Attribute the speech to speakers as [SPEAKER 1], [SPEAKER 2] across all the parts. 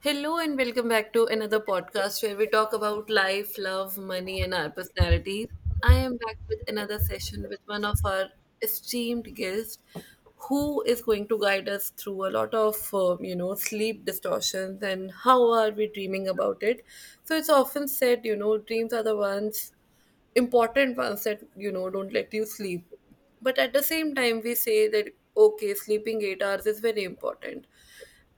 [SPEAKER 1] Hello and welcome back to another podcast where we talk about life, love, money, and our personalities. I am back with another session with one of our esteemed guests who is going to guide us through a lot of sleep distortions and how are we dreaming about it. So it's often said dreams are the ones important ones that don't let you sleep, but at the same time we say that okay sleeping 8 hours is very important.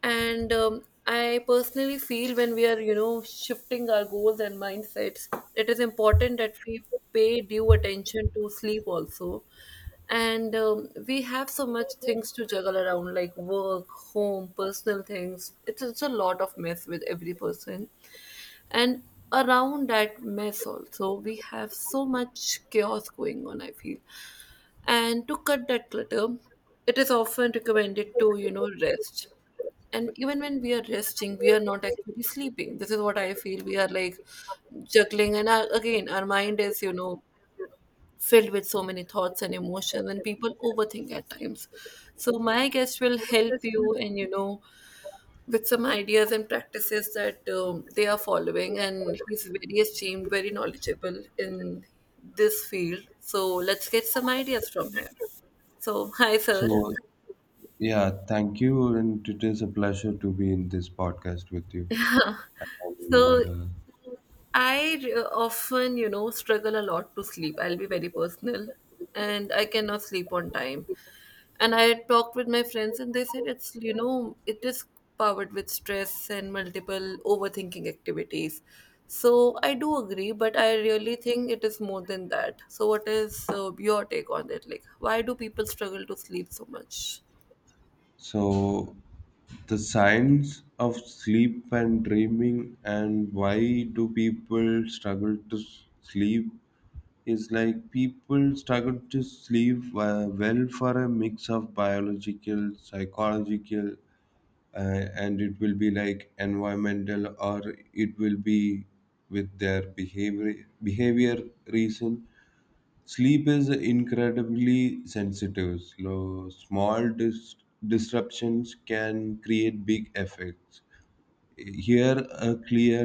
[SPEAKER 1] And I personally feel when we are shifting our goals and mindsets, it is important that we pay due attention to sleep also. And we have so much things to juggle around like work, home, personal things. It's a lot of mess with every person, and around that mess also we have so much chaos going on, I feel. And to cut that clutter, it is often recommended to rest, and even when we are resting we are not actually sleeping. This is what I feel. We are like juggling, and again, our mind is filled with so many thoughts and emotions, and people overthink at times. So my guest will help you, and with some ideas and practices that they are following. And he's very esteemed, very knowledgeable in this field. So let's get some ideas from him. So hi sir.
[SPEAKER 2] So, yeah, thank you. And it is a pleasure to be in this podcast with you. And,
[SPEAKER 1] So
[SPEAKER 2] uh,
[SPEAKER 1] I often, struggle a lot to sleep. I'll be very personal, and I cannot sleep on time. And I talked with my friends, and they said it is powered with stress and multiple overthinking activities. So I do agree, but I really think it is more than that. So, what is your take on it? Like, why do people struggle to sleep so much?
[SPEAKER 2] so, the science of sleep and dreaming, and why do people struggle to sleep? Is like people struggle to sleep well for a mix of biological, psychological, and it will be like environmental, or it will be with their behavior reason. Sleep is incredibly sensitive, so small disruptions can create big effects. Here a clear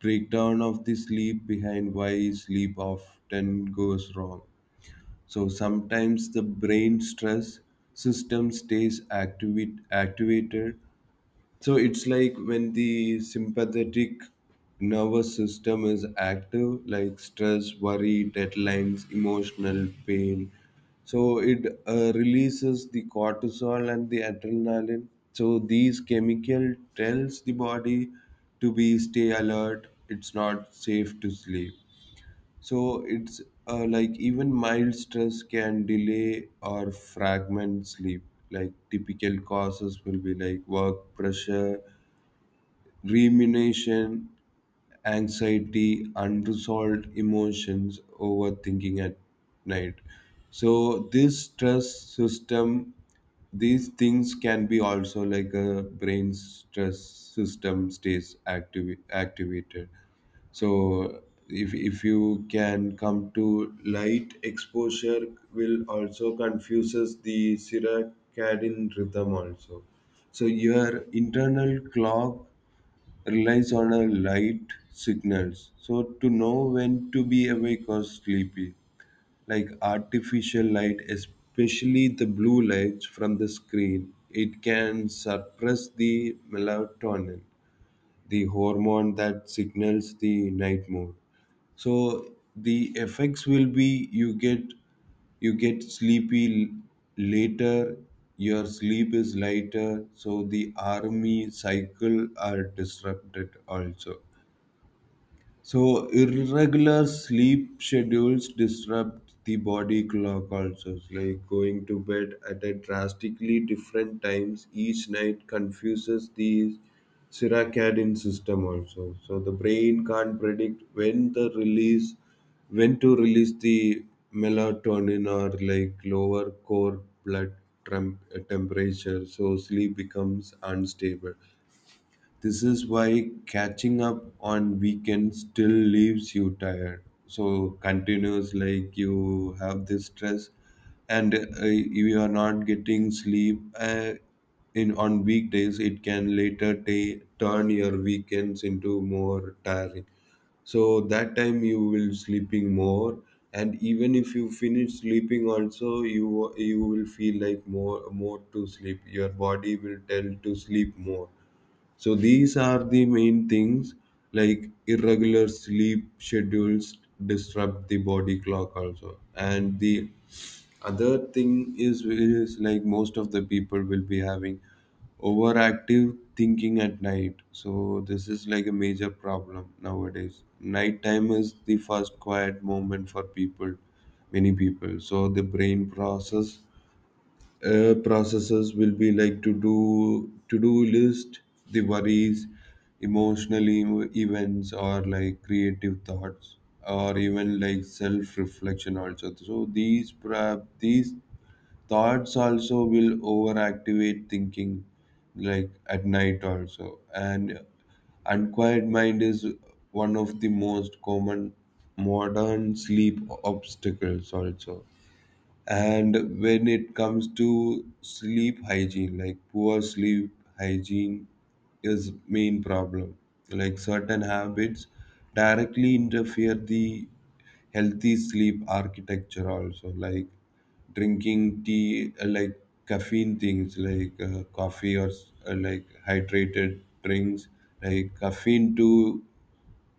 [SPEAKER 2] breakdown of the sleep behind why sleep often goes wrong. So sometimes the brain stress system stays activated. So it's like when the sympathetic nervous system is active, like stress, worry, deadlines, emotional pain. So it releases the cortisol and the adrenaline. So these chemical tells the body to be stay alert. It's not safe to sleep. So it's like even mild stress can delay or fragment sleep. Like typical causes will be like work pressure, rumination, anxiety, unresolved emotions, overthinking at night. So this stress system, these things can be also like a brain stress system stays active activated. So if you can come to light exposure will also confuses the circadian rhythm also. So your internal clock relies on a light signals. So to know when to be awake or sleepy, like artificial light, especially the blue lights from the screen, it can suppress the melatonin, the hormone that signals the night mode. So the effects will be you get sleepy later. Your sleep is lighter, so the army cycle are disrupted also. So irregular sleep schedules disrupt the body clock also. It's like going to bed at a drastically different times each night confuses the circadian system also. So the brain can't predict when the release when to release the melatonin, or like lower core blood temp- temperature, so sleep becomes unstable. This is why catching up on weekends still leaves you tired. So continues, like you have this stress and you are not getting sleep in on weekdays. It can later turn your weekends into more tiring. So that time you will sleeping more, and even if you finish sleeping, also you will feel like more to sleep. Your body will tell to sleep more. So these are the main things, like irregular sleep schedules disrupt the body clock also. And the other thing is like most of the people will be having overactive thinking at night. So this is like a major problem nowadays. Nighttime is the first quiet moment for people, many people. So the brain processes will be like to do list, the worries, emotional events, or like creative thoughts, or even like self reflection also. So these thoughts also will overactivate thinking like at night also. And unquiet mind is one of the most common modern sleep obstacles also. And when it comes to sleep hygiene, like poor sleep hygiene is main problem. Like certain habits directly interfere the healthy sleep architecture also, like drinking tea, like caffeine things like coffee, or like hydrated drinks. Like caffeine too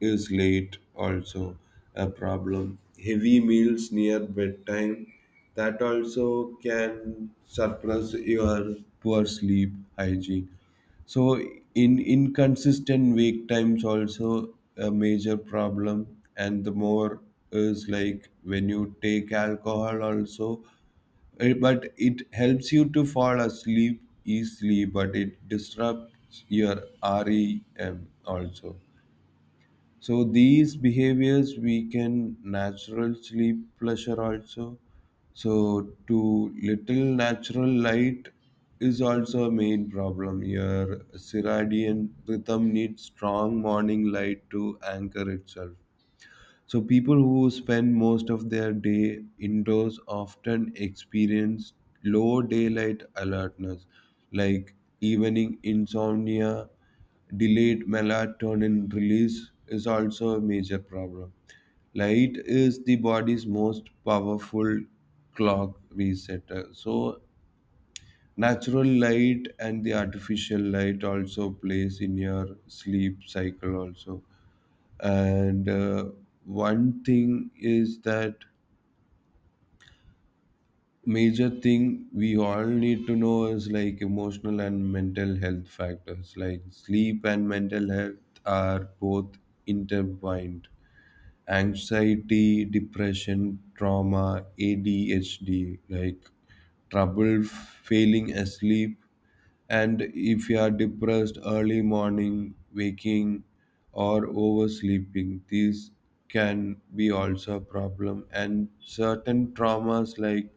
[SPEAKER 2] is late also a problem. Heavy meals near bedtime, that also can suppress your poor sleep hygiene. So in inconsistent wake times also a major problem. And the more is like when you take alcohol also, eh, but it helps you to fall asleep easily, but it disrupts your REM also. So these behaviors weaken natural sleep pleasure also. So too little natural light is also a main problem. Your circadian rhythm needs strong morning light to anchor itself. So people who spend most of their day indoors often experience low daylight alertness, like evening insomnia, delayed melatonin release is also a major problem. Light is the body's most powerful clock resetter. So natural light and the artificial light also plays in your sleep cycle also. And one thing is that major thing we all need to know is like emotional and mental health factors, like sleep and mental health are both intertwined. Anxiety, depression, trauma, adhd, like trouble failing asleep. And if you are depressed, early morning waking or oversleeping, these can be also a problem. And certain traumas like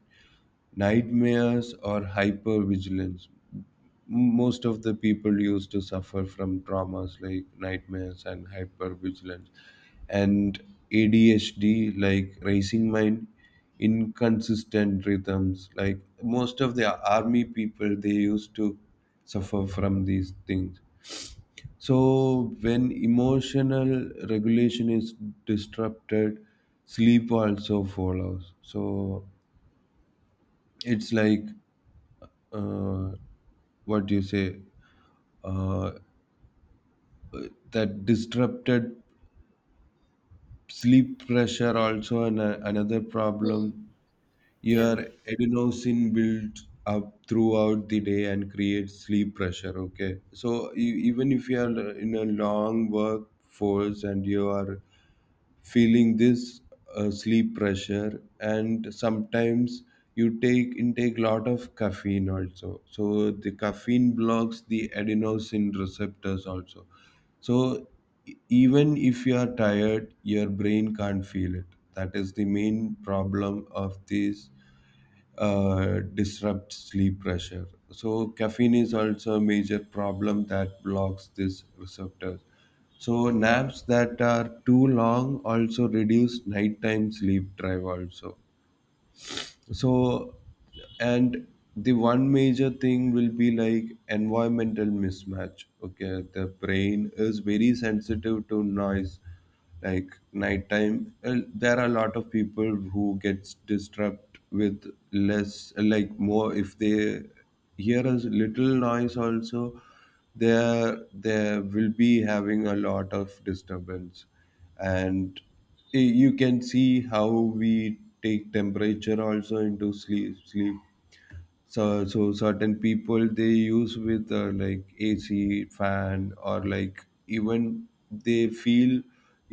[SPEAKER 2] nightmares or hypervigilance. M- Most of the people used to suffer from traumas like nightmares and hypervigilance. And ADHD, like racing mind, inconsistent rhythms. Like most of the army people, they used to suffer from these things. So when emotional regulation is disrupted, sleep also follows. So it's like uh, what do you say uh, that disrupted sleep pressure also another
[SPEAKER 1] Hmm.
[SPEAKER 2] problem.
[SPEAKER 1] Yeah.
[SPEAKER 2] Your adenosine builds up throughout the day and creates sleep pressure. Okay, so even if you are in a long workforce and you are feeling this sleep pressure, and sometimes you take intake lot of caffeine also. So the caffeine blocks the adenosine receptors also. So even if you are tired, your brain can't feel it. That is the main problem of this disrupt sleep pressure. So caffeine is also a major problem that blocks this receptor. So naps that are too long also reduce nighttime sleep drive also. So and the one major thing will be like environmental mismatch. Okay, the brain is very sensitive to noise, like nighttime. There are a lot of people who gets disrupt with less like more if they hear a little noise also. There will be having a lot of disturbance. And you can see how we take temperature also into sleep. So certain people, they use with like AC fan, or like even they feel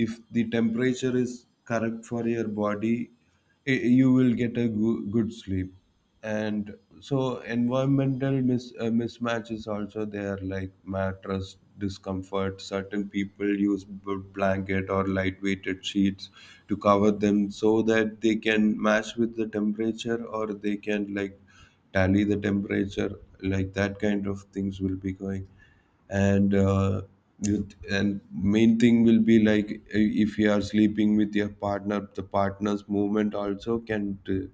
[SPEAKER 2] if the temperature is correct for your body, you will get a good sleep. And so environmental mismatches also there, like mattress discomfort. Certain people use blanket or light weighted sheets to cover them so that they can match with the temperature, or they can like tally the temperature, like that kind of things will be going. And with- and main thing will be like if you are sleeping with your partner, the partner's movement also can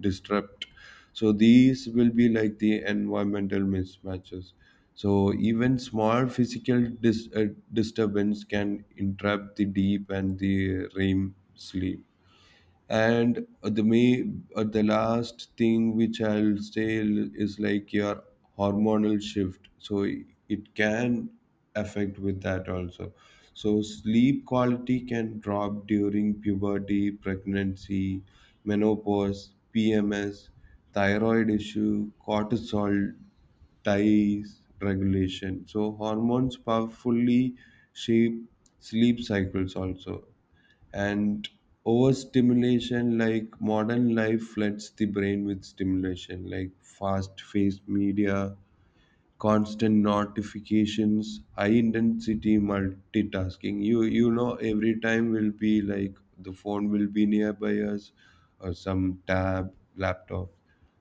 [SPEAKER 2] disrupt. So these will be like the environmental mismatches. So even small physical disturbance can interrupt the deep and the REM sleep. And the last thing which I'll say is like your hormonal shift. So it can affect with that also. So sleep quality can drop during puberty, pregnancy, menopause, PMS, thyroid issue, cortisol dice regulation. So hormones powerfully shape sleep cycles also. And overstimulation, like modern life floods the brain with stimulation, like fast-paced media, constant notifications, high intensity multitasking. You know every time will be like the phone will be nearby us, or some tab, laptop.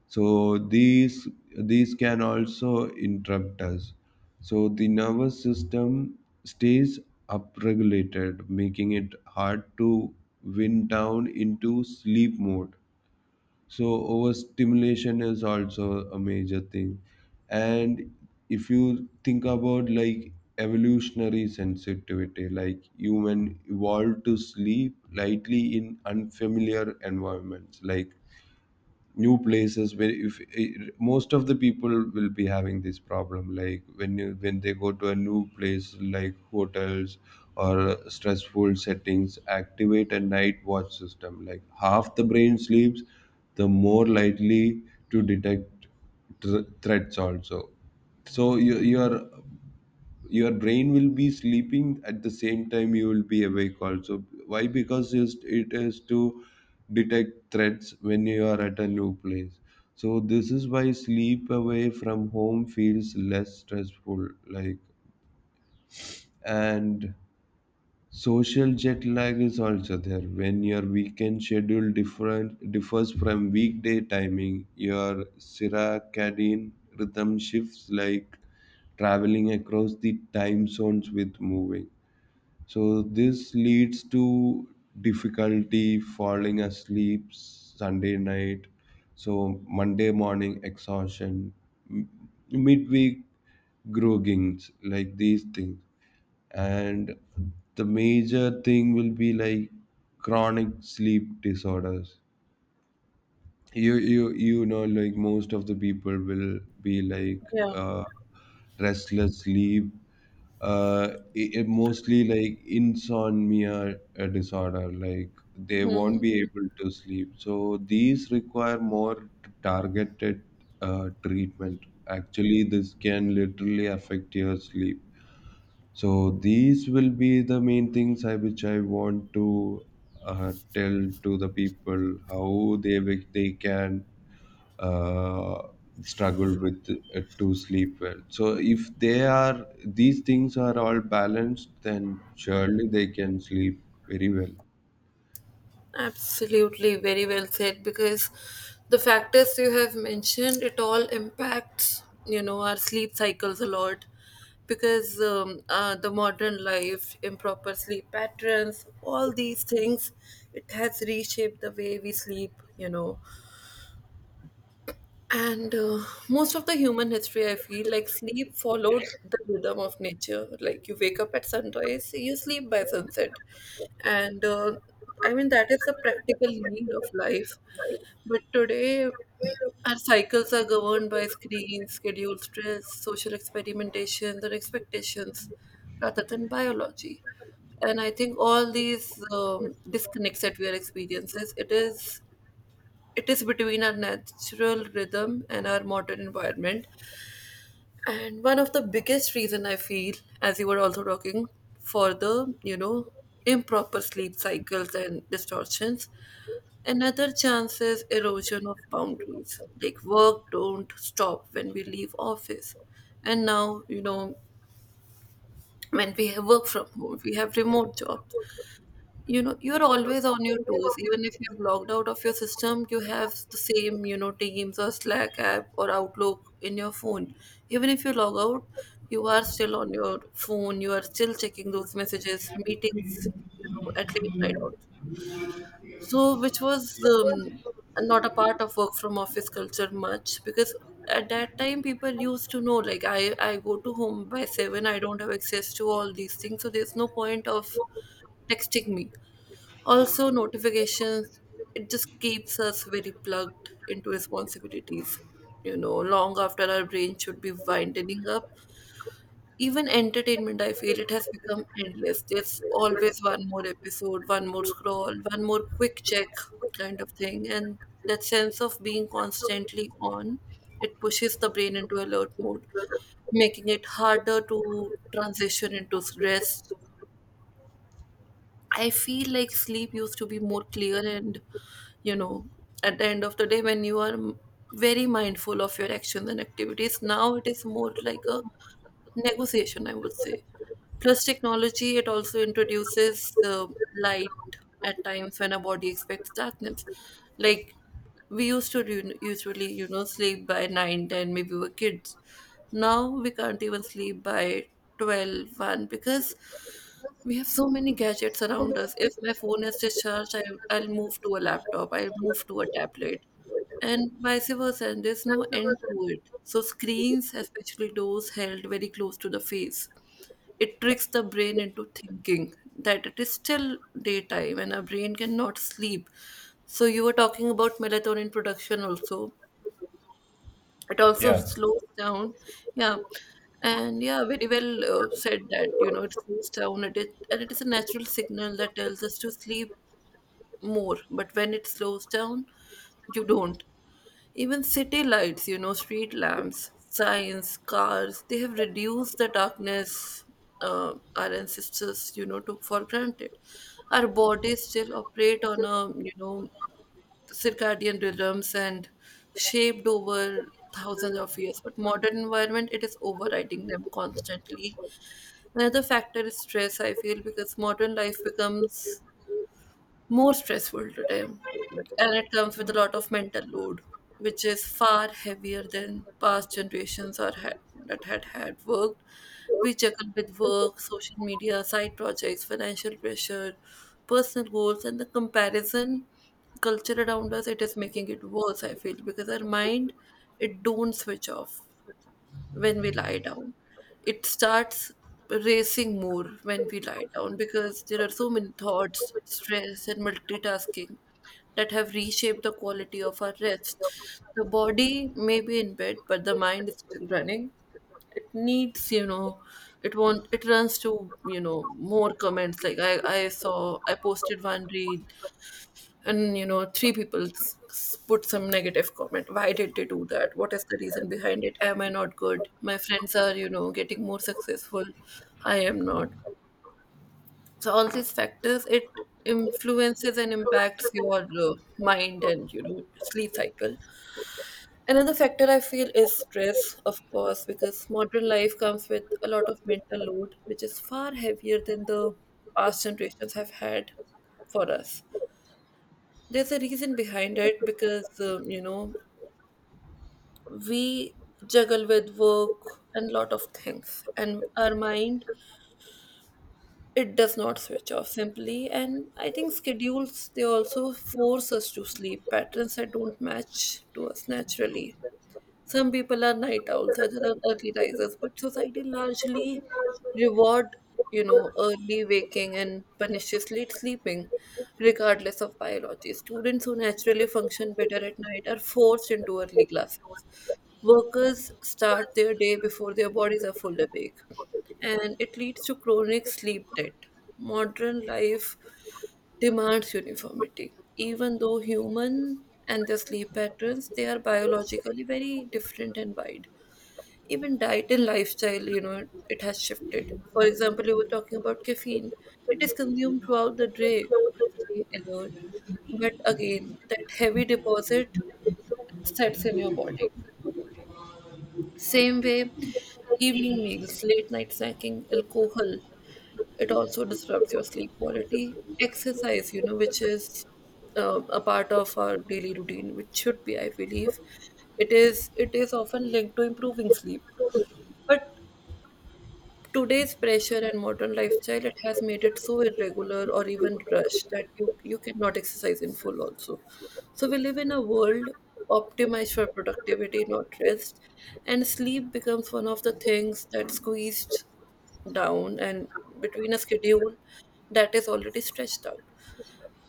[SPEAKER 2] So these can also interrupt us. So the nervous system stays upregulated, making it hard to wind down into sleep mode. So overstimulation is also a major thing. And if you think about like evolutionary sensitivity, like human evolved to sleep lightly in unfamiliar environments, like new places where if eh, most of the people will be having this problem, like when they go to a new place, like hotels or stressful settings, activate a night watch system, like half the brain sleeps, the more likely to detect threats also. So you are your brain will be sleeping at the same time you will be awake also. Why? Because it has to detect threats when you are at a new place. So this is why sleep away from home feels less stressful, like. And social jet lag is also there. When your weekend schedule different differs from weekday timing, your circadian rhythm shifts, like traveling across the time zones with moving. So this leads to difficulty falling asleep Sunday night. So Monday morning exhaustion, midweek groggings, like these things. And the major thing will be like chronic sleep disorders. You know, like most of the people will be like
[SPEAKER 1] Yeah.
[SPEAKER 2] uh, restless sleep, uh, mostly like insomnia disorder, like they won't
[SPEAKER 1] Hmm.
[SPEAKER 2] be able to sleep. So these require more targeted treatment. Actually, this can literally affect your sleep. So these will be the main things which I want to tell to the people how they they can uh, struggle with to sleep well. So if they are these things are all balanced, then surely they can sleep very well.
[SPEAKER 1] Absolutely, very well said. Because the factors you have mentioned, it all impacts, our sleep cycles a lot. Because the modern life, improper sleep patterns, all these things, it has reshaped the way we sleep, you know, and most of the human history, I feel like sleep followed the rhythm of nature. Like you wake up at sunrise, you sleep by sunset. And I mean, that is the practical need of life. But today, our cycles are governed by screens, schedule stress, social experimentations, and expectations rather than biology. And I think all these disconnects that we are experiencing, it is between our natural rhythm and our modern environment. And one of the biggest reason I feel, as you were also talking, for the improper sleep cycles and distortions, another chance is erosion of boundaries. Like work don't stop when we leave office, and now, when we have work from home, we have remote jobs. You're always on your toes. Even if you're logged out of your system, you have the same, teams or Slack app or Outlook in your phone. Even if you log out, you are still on your phone, you are still checking those messages, meetings, at late night also. So, which was not a part of work from office culture much, because at that time people used to know, like, I go to home by 7, I don't have access to all these things, so there's no point of texting me. Also, notifications, it just keeps us very plugged into responsibilities, long after our brain should be winding up. Even entertainment, I feel it has become endless. There's always one more episode, one more scroll, one more quick check kind of thing. And that sense of being constantly on, it pushes the brain into alert mode, making it harder to transition into rest. I feel like sleep used to be more clear, and, you know, at the end of the day when you are very mindful of your actions and activities, now it is more like a negotiation, I would say. Plus, technology, it also introduces the light at times when our body expects darkness. Like we used to do, usually, sleep by 9-10, maybe we were kids. Now we can't even sleep by 12-1 because we have so many gadgets around us. If my phone is discharged, I'll move to a laptop, I'll move to a tablet. And vice versa, and there's no end to it. So, screens, especially those held very close to the face, it tricks the brain into thinking that it is still daytime and our brain cannot sleep. So, you were talking about melatonin production also. It also
[SPEAKER 2] Yeah.
[SPEAKER 1] slows down. Yeah. And yeah, very well said that, it slows down. And it is a natural signal that tells us to sleep more. But when it slows down, you don't. Even city lights, street lamps, signs, cars, they have reduced the darkness our ancestors, took for granted. Our bodies still operate on circadian rhythms and shaped over thousands of years. But modern environment, it is overriding them constantly. Another factor is stress, I feel, because modern life becomes more stressful today, and it comes with a lot of mental load which is far heavier than past generations that had worked. We juggle with work, social media, side projects, financial pressure, personal goals, and the comparison culture around us. It is making it worse, I feel, because our mind, it don't switch off when we lie down. It starts racing more when we lie down, because there are so many thoughts, stress, and multitasking that have reshaped the quality of our rest. The body may be in bed, but the mind is still running. It needs, it won't, it runs to, more comments. Like I posted one reel, and three people put some negative comment. Why did they do that? What is the reason behind it? Am I not good? My friends are, getting more successful, I am not. So all these factors, it influences and impacts your mind and sleep cycle. Another factor I feel is stress, of course, because modern life comes with a lot of mental load, which is far heavier than the past generations have had for us. There's a reason behind it because, we juggle with work and lot of things, and our mind, it does not switch off simply. And I think schedules, they also force us to sleep patterns that don't match to us naturally. Some people are night owls, others are early risers, but society largely reward, early waking and punishes late sleeping, regardless of biology. Students who naturally function better at night are forced into early classes. Workers start their day before their bodies are fully awake, and it leads to chronic sleep debt. Modern life demands uniformity, even though human and their sleep patterns, they are biologically very different and wide. Even diet and lifestyle, it has shifted. For example, you were talking about caffeine. It is consumed throughout the day to stay alert. But again, that heavy deposit sets in your body. Same way, evening meals, late night snacking, alcohol, it also disrupts your sleep quality. Exercise, which is a part of our daily routine, which should be, I believe, it is often linked to improving sleep. But today's pressure and modern lifestyle, it has made it so irregular or even rushed that you cannot exercise in full also. So we live in a world optimized for productivity, not rest, and sleep becomes one of the things that squeezed down and between a schedule that is already stretched out.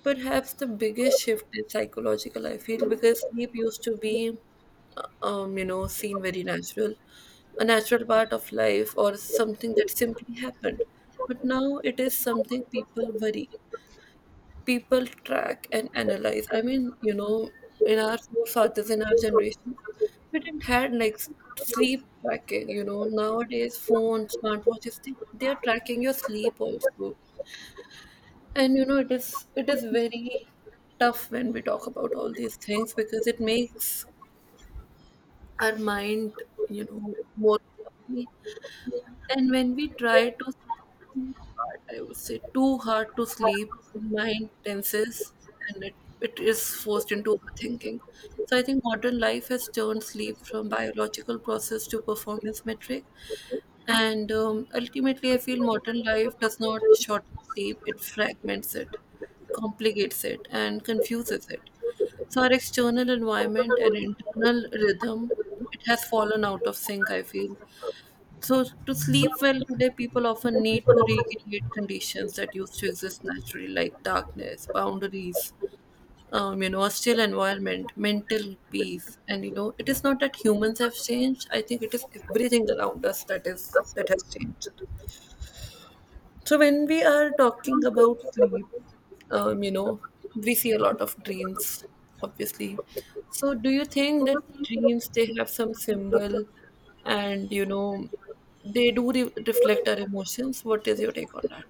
[SPEAKER 1] Perhaps the biggest shift is psychological, I feel, because sleep used to be, seen very natural, a natural part of life, or something that simply happened. But now it is something people worry, people track and analyze. I mean, in our forefathers, in our generations, we didn't had like sleep tracking. Nowadays, phones, smartwatches, they are tracking your sleep also. And it is very tough when we talk about all these things, because it makes our mind, more cloudy. And when we try to too hard, I would say too hard to sleep, mind tenses, and it is forced into overthinking. So I think modern life has turned sleep from biological process to performance metric. And ultimately, I feel modern life does not short sleep, it fragments it, complicates it, and confuses it. So, our external environment and internal rhythm, it has fallen out of sync, I feel. So, to sleep well today, people often need to recreate conditions that used to exist naturally, like darkness, boundaries, a still environment, mental peace. And it is not that humans have changed. I think it is everything around us that is that has changed. So when we are talking about sleep, um, you know, we see a lot of dreams, obviously. So do you think that dreams, they have some symbol, and they do reflect our emotions? What is your take on that?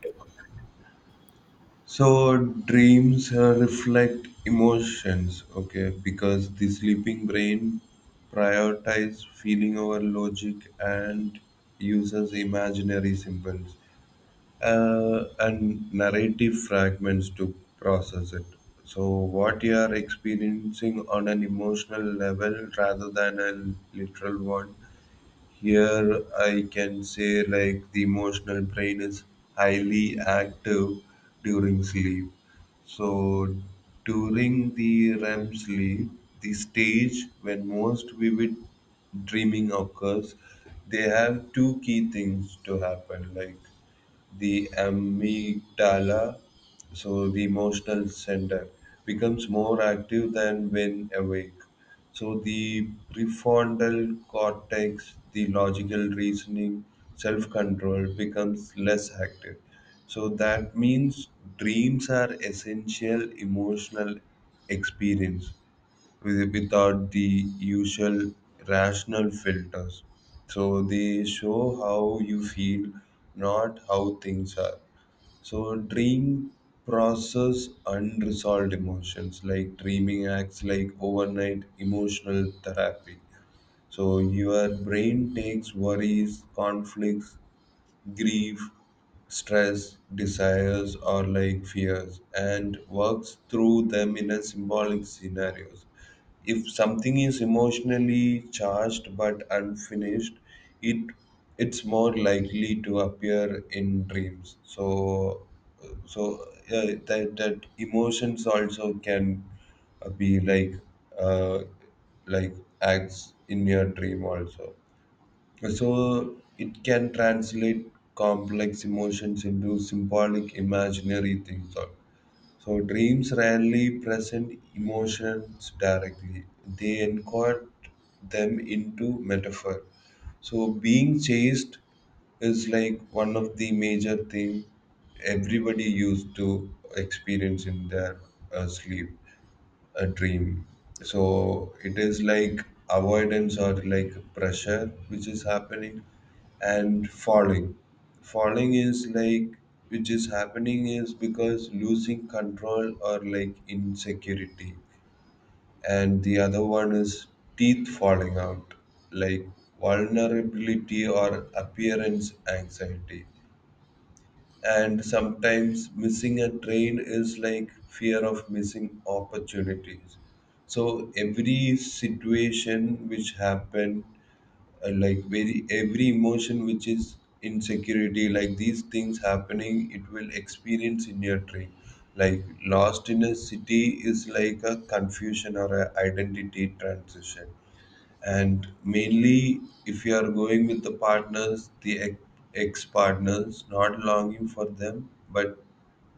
[SPEAKER 2] So dreams reflect emotions, okay, because the sleeping brain prioritizes feeling over logic and uses imaginary symbols and narrative fragments to process it. So what you are experiencing on an emotional level rather than a literal one. Here, I can say like the emotional brain is highly active during sleep. So, during the REM sleep, the stage when most vivid dreaming occurs, they have two key things to happen like the amygdala, so the emotional center, becomes more active than when awake. So the prefrontal cortex, the logical reasoning, self-control becomes less active. So that means dreams are essential emotional experience without the usual rational filters. So they show how you feel, not how things are. So dream process unresolved emotions like dreaming acts like overnight emotional therapy. So your brain takes worries, conflicts, grief, stress, desires, or like fears, and works through them in a symbolic scenarios. If something is emotionally charged but unfinished, it it's more likely to appear in dreams. So that emotions also can be uh, like acts in your dream also. So it can translate complex emotions into symbolic imaginary things. So dreams rarely present emotions directly. They encode them into metaphor. So being chased is like one of the major thing everybody used to experience in their sleep a dream. So it is like avoidance or like pressure which is happening and falling. Falling is like which is happening is because losing control or like insecurity. And the other one is teeth falling out, like vulnerability or appearance anxiety, and sometimes missing a train is like fear of missing opportunities. So every situation which happened, like very every emotion which is insecurity, like these things happening, it will experience in your train, like lost in a city is like a confusion or a identity transition. And mainly, if you are going with the partners, the ex partners, not longing for them, but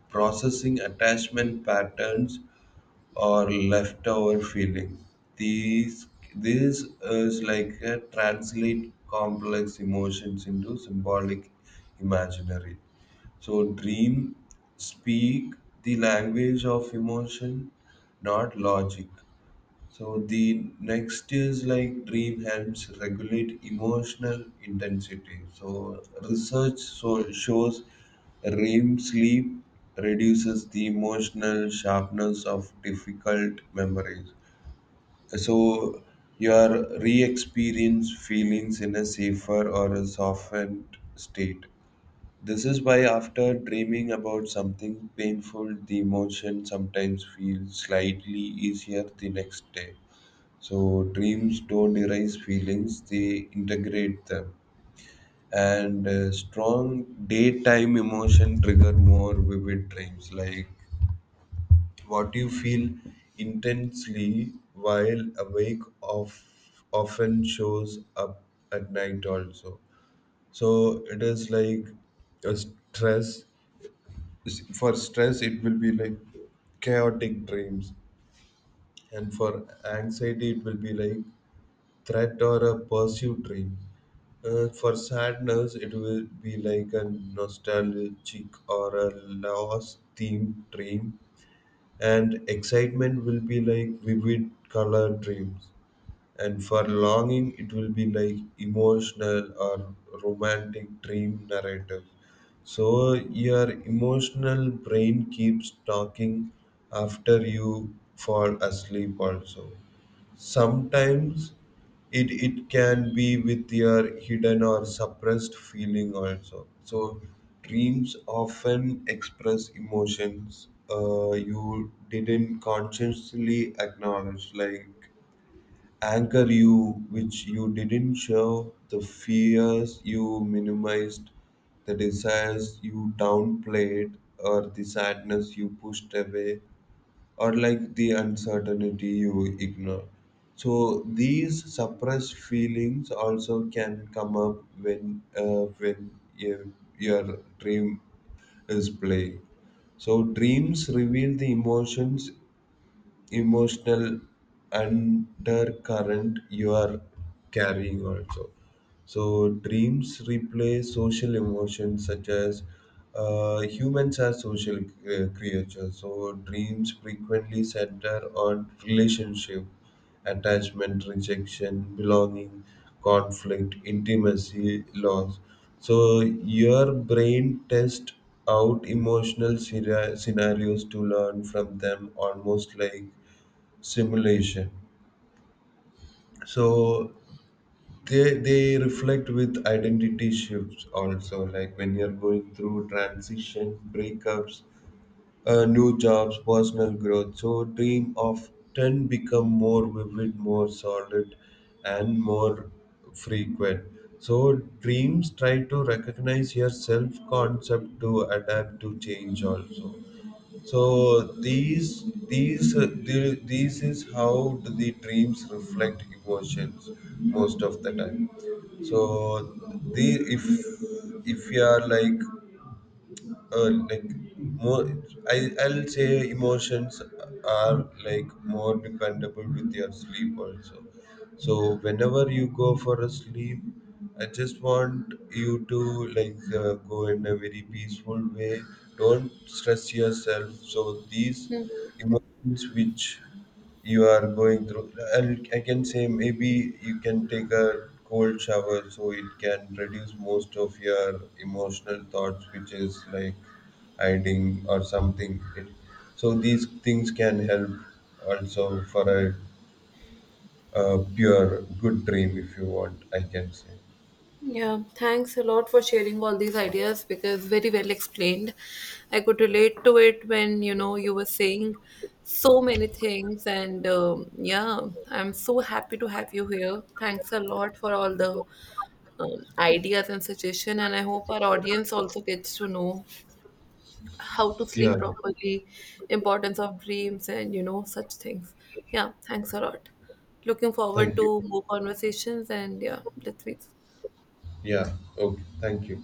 [SPEAKER 2] processing attachment patterns or leftover feeling. These, this is like a translate complex emotions into symbolic imaginary. So, dream speak the language of emotion, not logic. So the next is like dream helps regulate emotional intensity. So research so shows REM sleep reduces the emotional sharpness of difficult memories. So your re-experience feelings in a safer or a softened state. This is why after dreaming about something painful, the emotion sometimes feels slightly easier the next day. So dreams don't erase feelings, they integrate them. And strong daytime emotion trigger more vivid dreams. Like what you feel intensely while awake of often shows up at night also. So it is like a stress. For stress, it will be like chaotic dreams, and for anxiety, it will be like threat or a pursuit dream. For sadness, it will be like a nostalgic or a lost theme dream, and excitement will be like vivid color dreams. And for longing, it will be like emotional or romantic dream narrative. So your emotional brain keeps talking after you fall asleep, also. Sometimes it can be with your hidden or suppressed feeling also. So dreams often express emotions you didn't consciously acknowledge, like anger you which you didn't show, the fears you minimized, the desires you downplayed, or the sadness you pushed away, or like the uncertainty you ignore. So these suppressed feelings also can come up when your your dream is playing. So dreams reveal the emotions emotional undercurrent you are carrying also. So dreams replace social emotions, such as, humans are social creatures, so dreams frequently center on relationship, attachment, rejection, belonging, conflict, intimacy, loss. So your brain tests out emotional scenarios to learn from them, almost like simulation. So they reflect with identity shifts also, like when you're going through transition, breakups, new jobs, personal growth. So dream often become more vivid, more solid, and more frequent. So dreams try to recognize your self concept to adapt to change also. So these is how do the dreams reflect emotions most of the time. So the, if if you are like uh, like more, I'll say emotions are like more dependable with your sleep also. So whenever you go for a sleep, I just want you to like go in a very peaceful way. Don't stress yourself. So these emotions which you are going through, I can say maybe you can take a cold shower, so it can reduce most of your emotional thoughts which is like hiding or something it, so these things can help also for a pure good dream if you want I can say.
[SPEAKER 1] Yeah, thanks a lot for sharing all these ideas, because very well explained. I could relate to it when you were saying so many things, and yeah, I'm so happy to have you here. Thanks a lot for all the ideas and suggestion, and I hope our audience also gets to know how to
[SPEAKER 2] Yeah.
[SPEAKER 1] sleep properly, importance of dreams, and such things. Yeah, thanks a lot. Looking forward
[SPEAKER 2] Thank you.
[SPEAKER 1] to more conversations, and yeah, let's meet.
[SPEAKER 2] Yeah. Okay, thank you.